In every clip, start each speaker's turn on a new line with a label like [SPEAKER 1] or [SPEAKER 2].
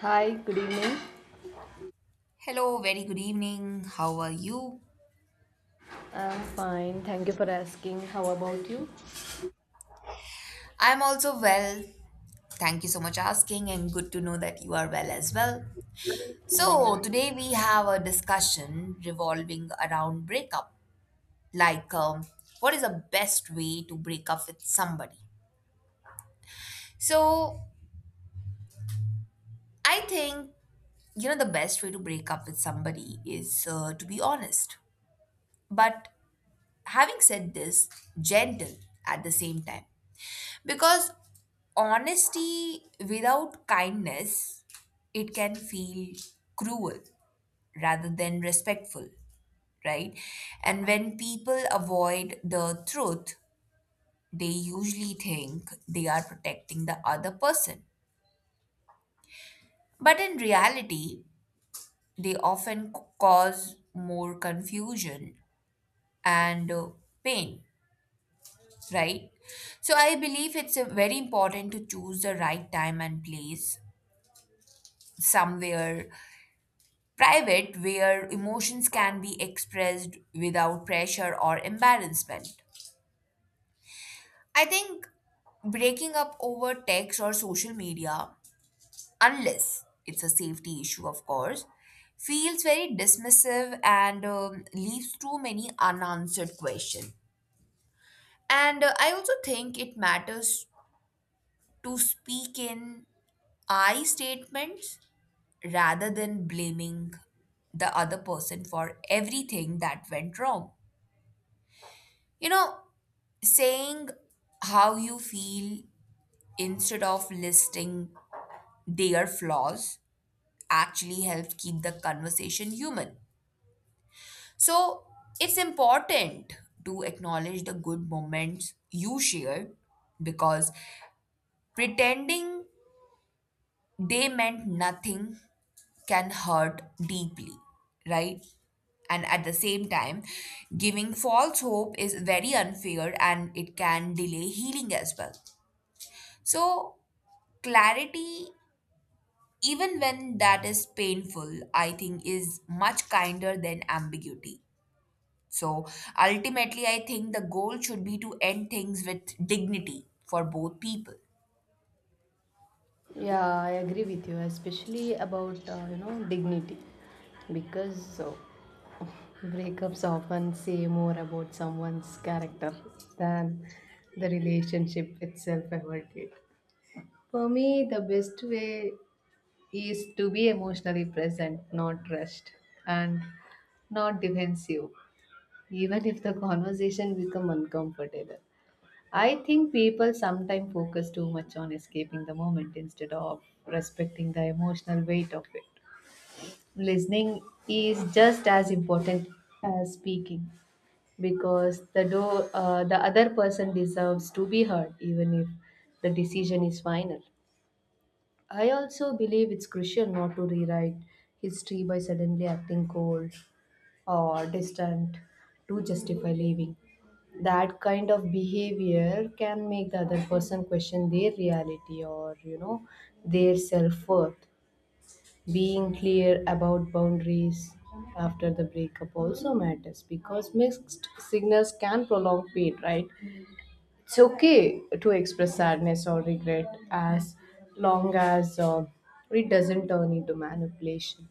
[SPEAKER 1] Hi, good evening.
[SPEAKER 2] Hello, very good evening. How are you?
[SPEAKER 1] I'm fine. Thank you for asking. How about you?
[SPEAKER 2] I'm also well. Thank you so much asking and good to know that you are well as well.
[SPEAKER 1] Yeah,
[SPEAKER 2] So, today we have a discussion revolving around breakup. Like um, what is the best way to break up with somebody? So, I think the best way to break up with somebody is to be honest. But having said this, gentle at the same time. Because honesty without kindness, it can feel cruel rather than respectful, right? And when people avoid the truth, they usually think they are protecting the other person. But in reality, they often cause more confusion and pain, right? So I believe it's very important to choose the right time and place, somewhere private, where emotions can be expressed without pressure or embarrassment. I think breaking up over text or social media, unless it's a safety issue, of course, feels very dismissive and leaves too many unanswered questions. And I also think it matters to speak in I statements rather than blaming the other person for everything that went wrong. You know, saying how you feel instead of listing their flaws actually helps keep the conversation human. So it's important to acknowledge the good moments you shared, because pretending they meant nothing can hurt deeply, right? And at the same time, giving false hope is very unfair and it can delay healing as well. So, clarity, even when that is painful, I think is much kinder than ambiguity. So ultimately, I think the goal should be to end things with dignity for both people.
[SPEAKER 1] yeah, I agree with you, especially about dignity, because breakups often say more about someone's character than the relationship itself ever did. For me, the best way is to be emotionally present, not rushed, and not defensive, even if the conversation become uncomfortable. I think people sometimes focus too much on escaping the moment instead of respecting the emotional weight of it. Listening is just as important as speaking because the other person deserves to be heard even if the decision is final. I also believe it's crucial not to rewrite history by suddenly acting cold or distant to justify leaving. That kind of behavior can make the other person question their reality or, their self-worth. Being clear about boundaries after the breakup also matters because mixed signals can prolong pain, right? It's okay to express sadness or regret as long as it doesn't turn into manipulation.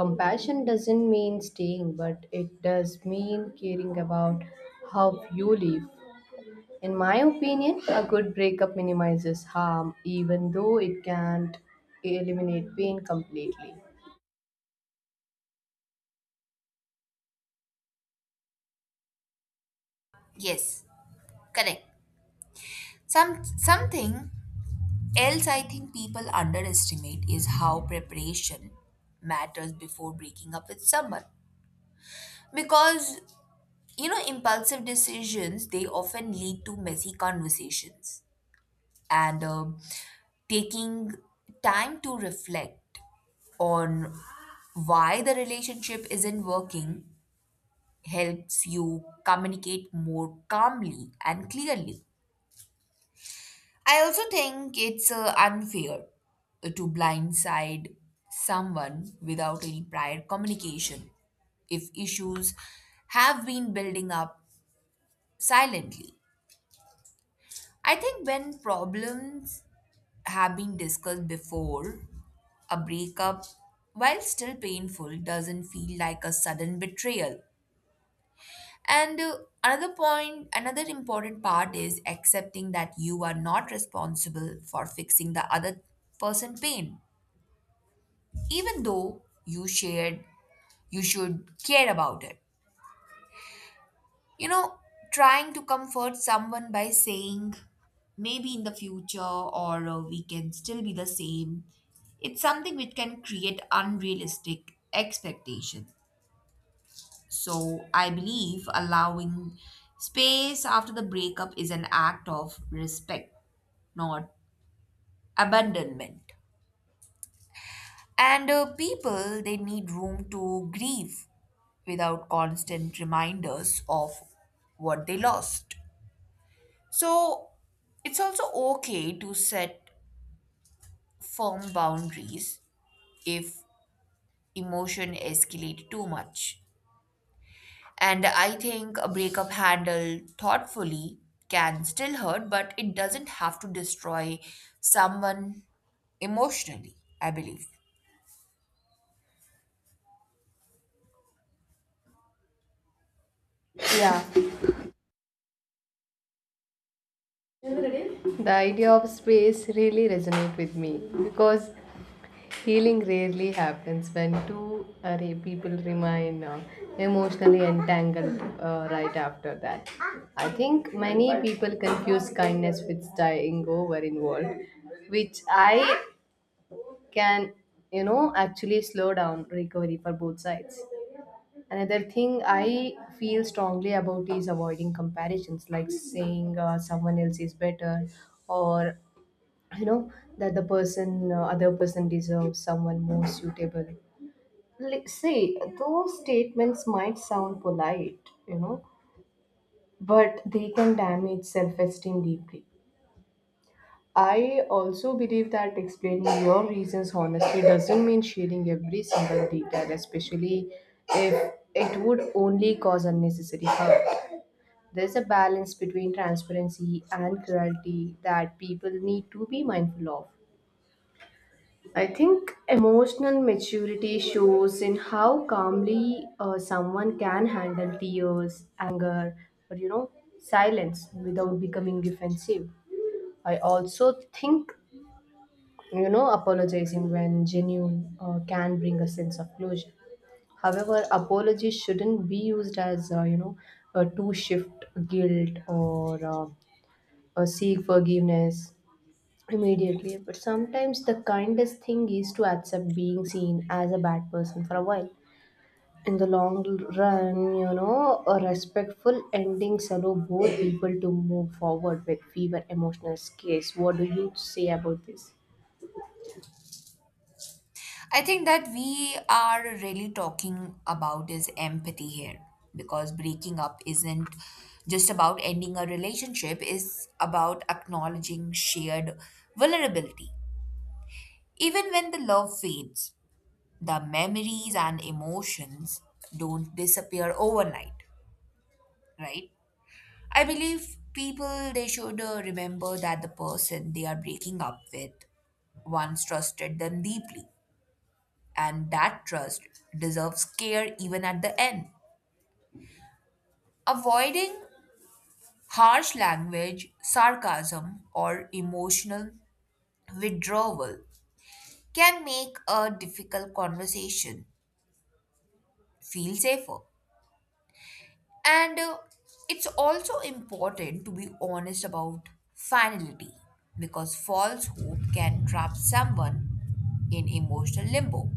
[SPEAKER 1] Compassion doesn't mean staying, but it does mean caring about how you live. In my opinion, a good breakup minimizes harm even though it can't eliminate pain completely.
[SPEAKER 2] Yes, correct. Something else I think people underestimate is how preparation matters before breaking up with someone. Because you know, impulsive decisions they often lead to messy conversations, and taking time to reflect on why the relationship isn't working helps you communicate more calmly and clearly. I also think it's unfair to blindside someone without any prior communication if issues have been building up silently. I think when problems have been discussed before, a breakup, while still painful, doesn't feel like a sudden betrayal. And another point, another important part is accepting that you are not responsible for fixing the other person's pain, even though you shared, you should care about it. You know, trying to comfort someone by saying maybe in the future or we can still be the same, it's something which can create unrealistic expectations. So I believe allowing space after the breakup is an act of respect, not abandonment. And people, they need room to grieve without constant reminders of what they lost. So it's also okay to set firm boundaries if emotion escalate too much. And I think a breakup handled thoughtfully can still hurt, but it doesn't have to destroy someone emotionally, I believe.
[SPEAKER 1] Yeah, the idea of space really resonates with me because healing rarely happens when people remain emotionally entangled right after that. I think many people confuse kindness with staying over involved, which I can, you know, actually slow down recovery for both sides. Another thing I feel strongly about is avoiding comparisons, like saying someone else is better, or you know that the person, other person deserves someone more suitable. See, those statements might sound polite, you know, but they can damage self-esteem deeply. I also believe that explaining your reasons honestly doesn't mean sharing every single detail, especially if it would only cause unnecessary harm. There's a balance between transparency and cruelty that people need to be mindful of. I think emotional maturity shows in how calmly someone can handle tears, anger, or you know, silence without becoming defensive. I also think, you know, apologizing when genuine can bring a sense of closure. However, apology shouldn't be used as to shift guilt or seek forgiveness immediately. But sometimes the kindest thing is to accept being seen as a bad person for a while. In the long run, you know, a respectful endings allow both people to move forward with fewer emotional scales. What do you say about this?
[SPEAKER 2] I think that we are really talking about is empathy here, because breaking up isn't just about ending a relationship, it's about acknowledging shared vulnerability. Even when the love fades, the memories and emotions don't disappear overnight, right? I believe people they should remember that the person they are breaking up with once trusted them deeply, and that trust deserves care even at the end. Avoiding harsh language, sarcasm, or emotional withdrawal can make a difficult conversation feel safer. And it's also important to be honest about finality, because false hope can trap someone in emotional limbo.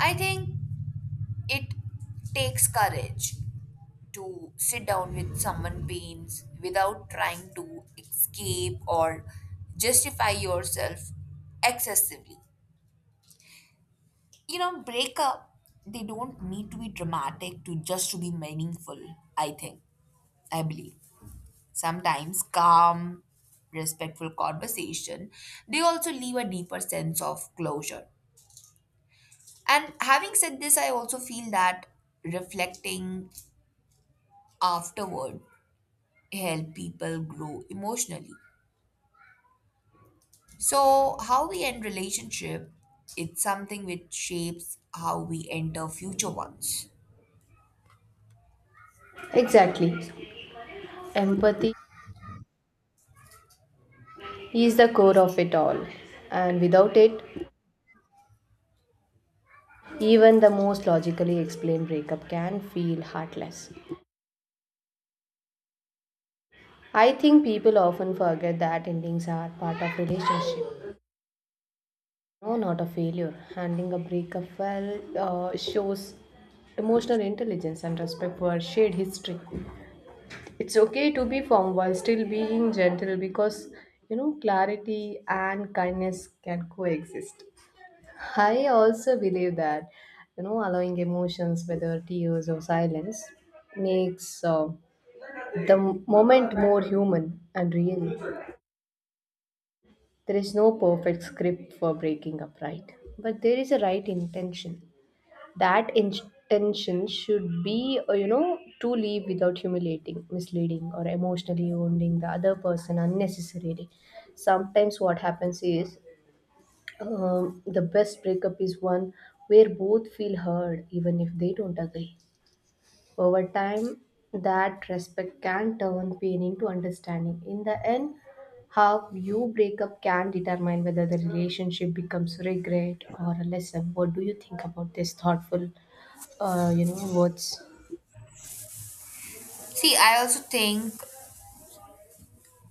[SPEAKER 2] I think it takes courage to sit down with someone pains without trying to escape or justify yourself excessively. You know, breakup they don't need to be dramatic to just to be meaningful, I think. I believe. Sometimes calm, respectful conversation, they also leave a deeper sense of closure. And having said this, I also feel that reflecting afterward help people grow emotionally. So, how we end relationship, it's something which shapes how we enter future ones.
[SPEAKER 1] Exactly. Empathy is the core of it all. And without it, even the most logically explained breakup can feel heartless. I think people often forget that endings are part of relationship, no, not a failure. Handling a breakup well shows emotional intelligence and respect for shared history. It's okay to be firm while still being gentle because you know clarity and kindness can coexist. I also believe that you know allowing emotions, whether tears or silence, makes the moment more human and real. There is no perfect script for breaking up, right? But there is a right intention. That intention should be, you know, to leave without humiliating, misleading, or emotionally wounding the other person unnecessarily. Sometimes what happens is the best breakup is one where both feel heard, even if they don't agree. Over time, that respect can turn pain into understanding. In the end, how you break up can determine whether the relationship becomes regret or a lesson. What do you think about this thoughtful, you know, words?
[SPEAKER 2] See, I also think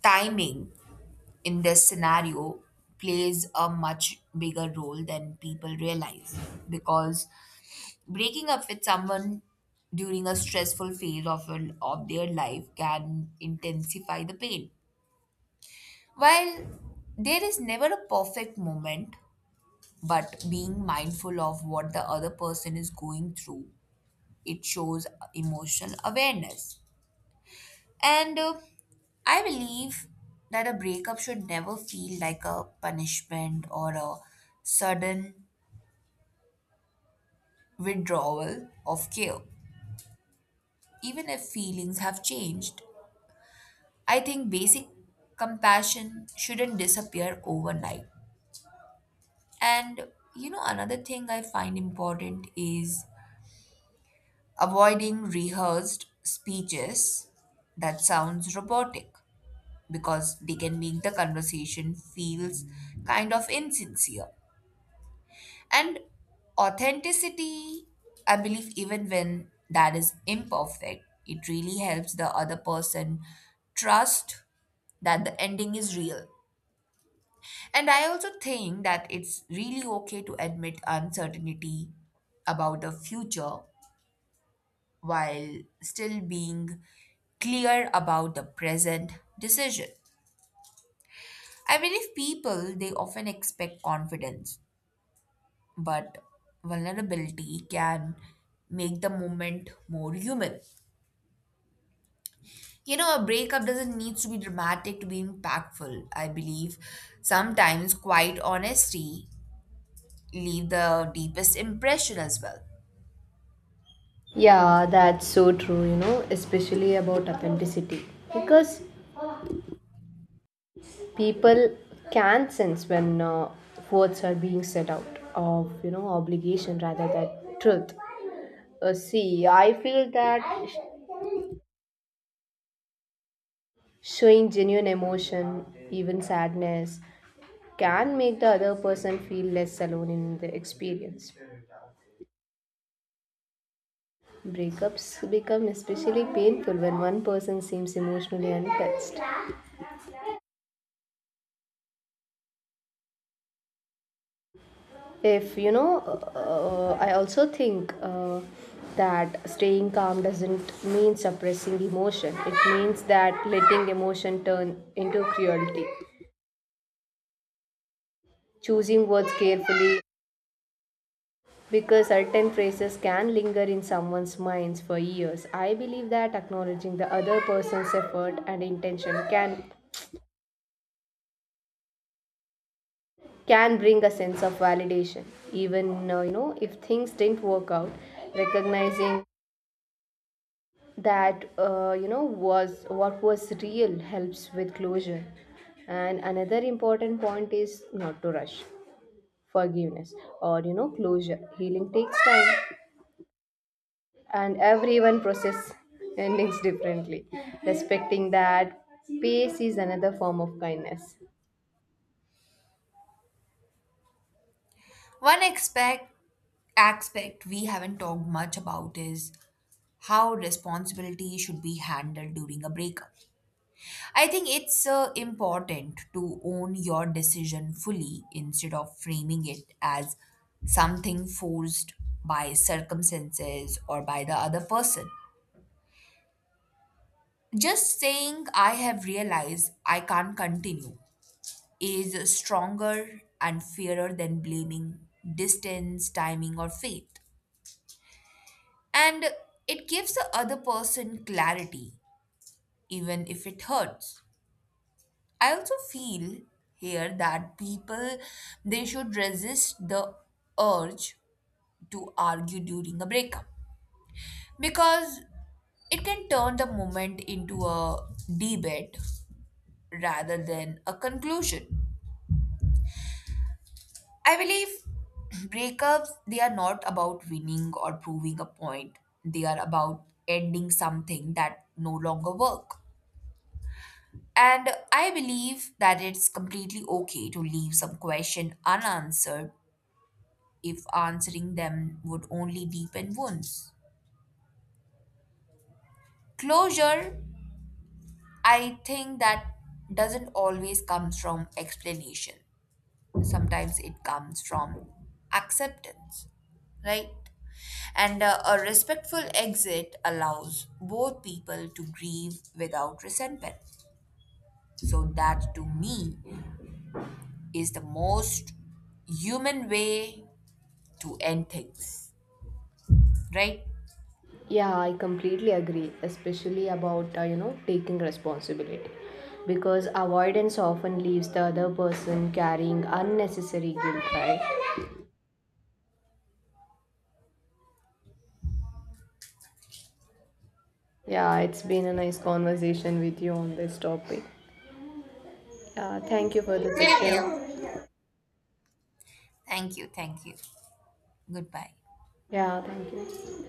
[SPEAKER 2] timing in this scenario plays a much bigger role than people realize, because breaking up with someone during a stressful phase of their life can intensify the pain. While there is never a perfect moment, but being mindful of what the other person is going through, it shows emotional awareness. And I believe that a breakup should never feel like a punishment or a sudden withdrawal of care, even if feelings have changed. I think basic compassion shouldn't disappear overnight. And you know, another thing I find important is avoiding rehearsed speeches that sounds robotic, because they can make the conversation feels kind of insincere. And authenticity, I believe, even when that is imperfect, it really helps the other person trust that the ending is real. And I also think that it's really okay to admit uncertainty about the future while still being clear about the present decision. I believe people they often expect confidence, but vulnerability can make the moment more human. You know, a breakup doesn't need to be dramatic to be impactful. I believe sometimes quiet honesty leave the deepest impression as well.
[SPEAKER 1] Yeah, that's so true, you know, especially about authenticity. Because people can sense when words are being said out of, you know, obligation rather than truth. See, I feel that showing genuine emotion, even sadness, can make the other person feel less alone in the experience. Breakups become especially painful when one person seems emotionally untouched. If you know, I also think that staying calm doesn't mean suppressing emotion, it means that letting emotion turn into cruelty, choosing words carefully. Because certain phrases can linger in someone's minds for years, I believe that acknowledging the other person's effort and intention can bring a sense of validation, even you know if things didn't work out. Recognizing that you know was what was real helps with closure. And another important point is not to rush forgiveness or you know closure. Healing takes time and everyone process endings differently. Respecting that pace is another form of kindness.
[SPEAKER 2] One expect aspect we haven't talked much about is how responsibility should be handled during a breakup. I think it's important to own your decision fully instead of framing it as something forced by circumstances or by the other person. Just saying, I have realized I can't continue is stronger and fairer than blaming distance, timing, or fate. And it gives the other person clarity, even if it hurts. I also feel here that people they should resist the urge to argue during a breakup, because it can turn the moment into a debate rather than a conclusion. I believe breakups they are not about winning or proving a point. They are about ending something that no longer work. And I believe that it's completely okay to leave some question unanswered if answering them would only deepen wounds. Closure, I think that doesn't always come from explanation. Sometimes it comes from acceptance, right? And a respectful exit allows both people to grieve without resentment. So, that to me is the most human way to end things, right?
[SPEAKER 1] Yeah, I completely agree, especially about you know taking responsibility, because avoidance often leaves the other person carrying unnecessary guilt. Right? Yeah, it's been a nice conversation with you on this topic. Yeah, thank you for the
[SPEAKER 2] Same here.
[SPEAKER 1] session.
[SPEAKER 2] Thank you. Thank you. Goodbye.
[SPEAKER 1] Yeah, thank you.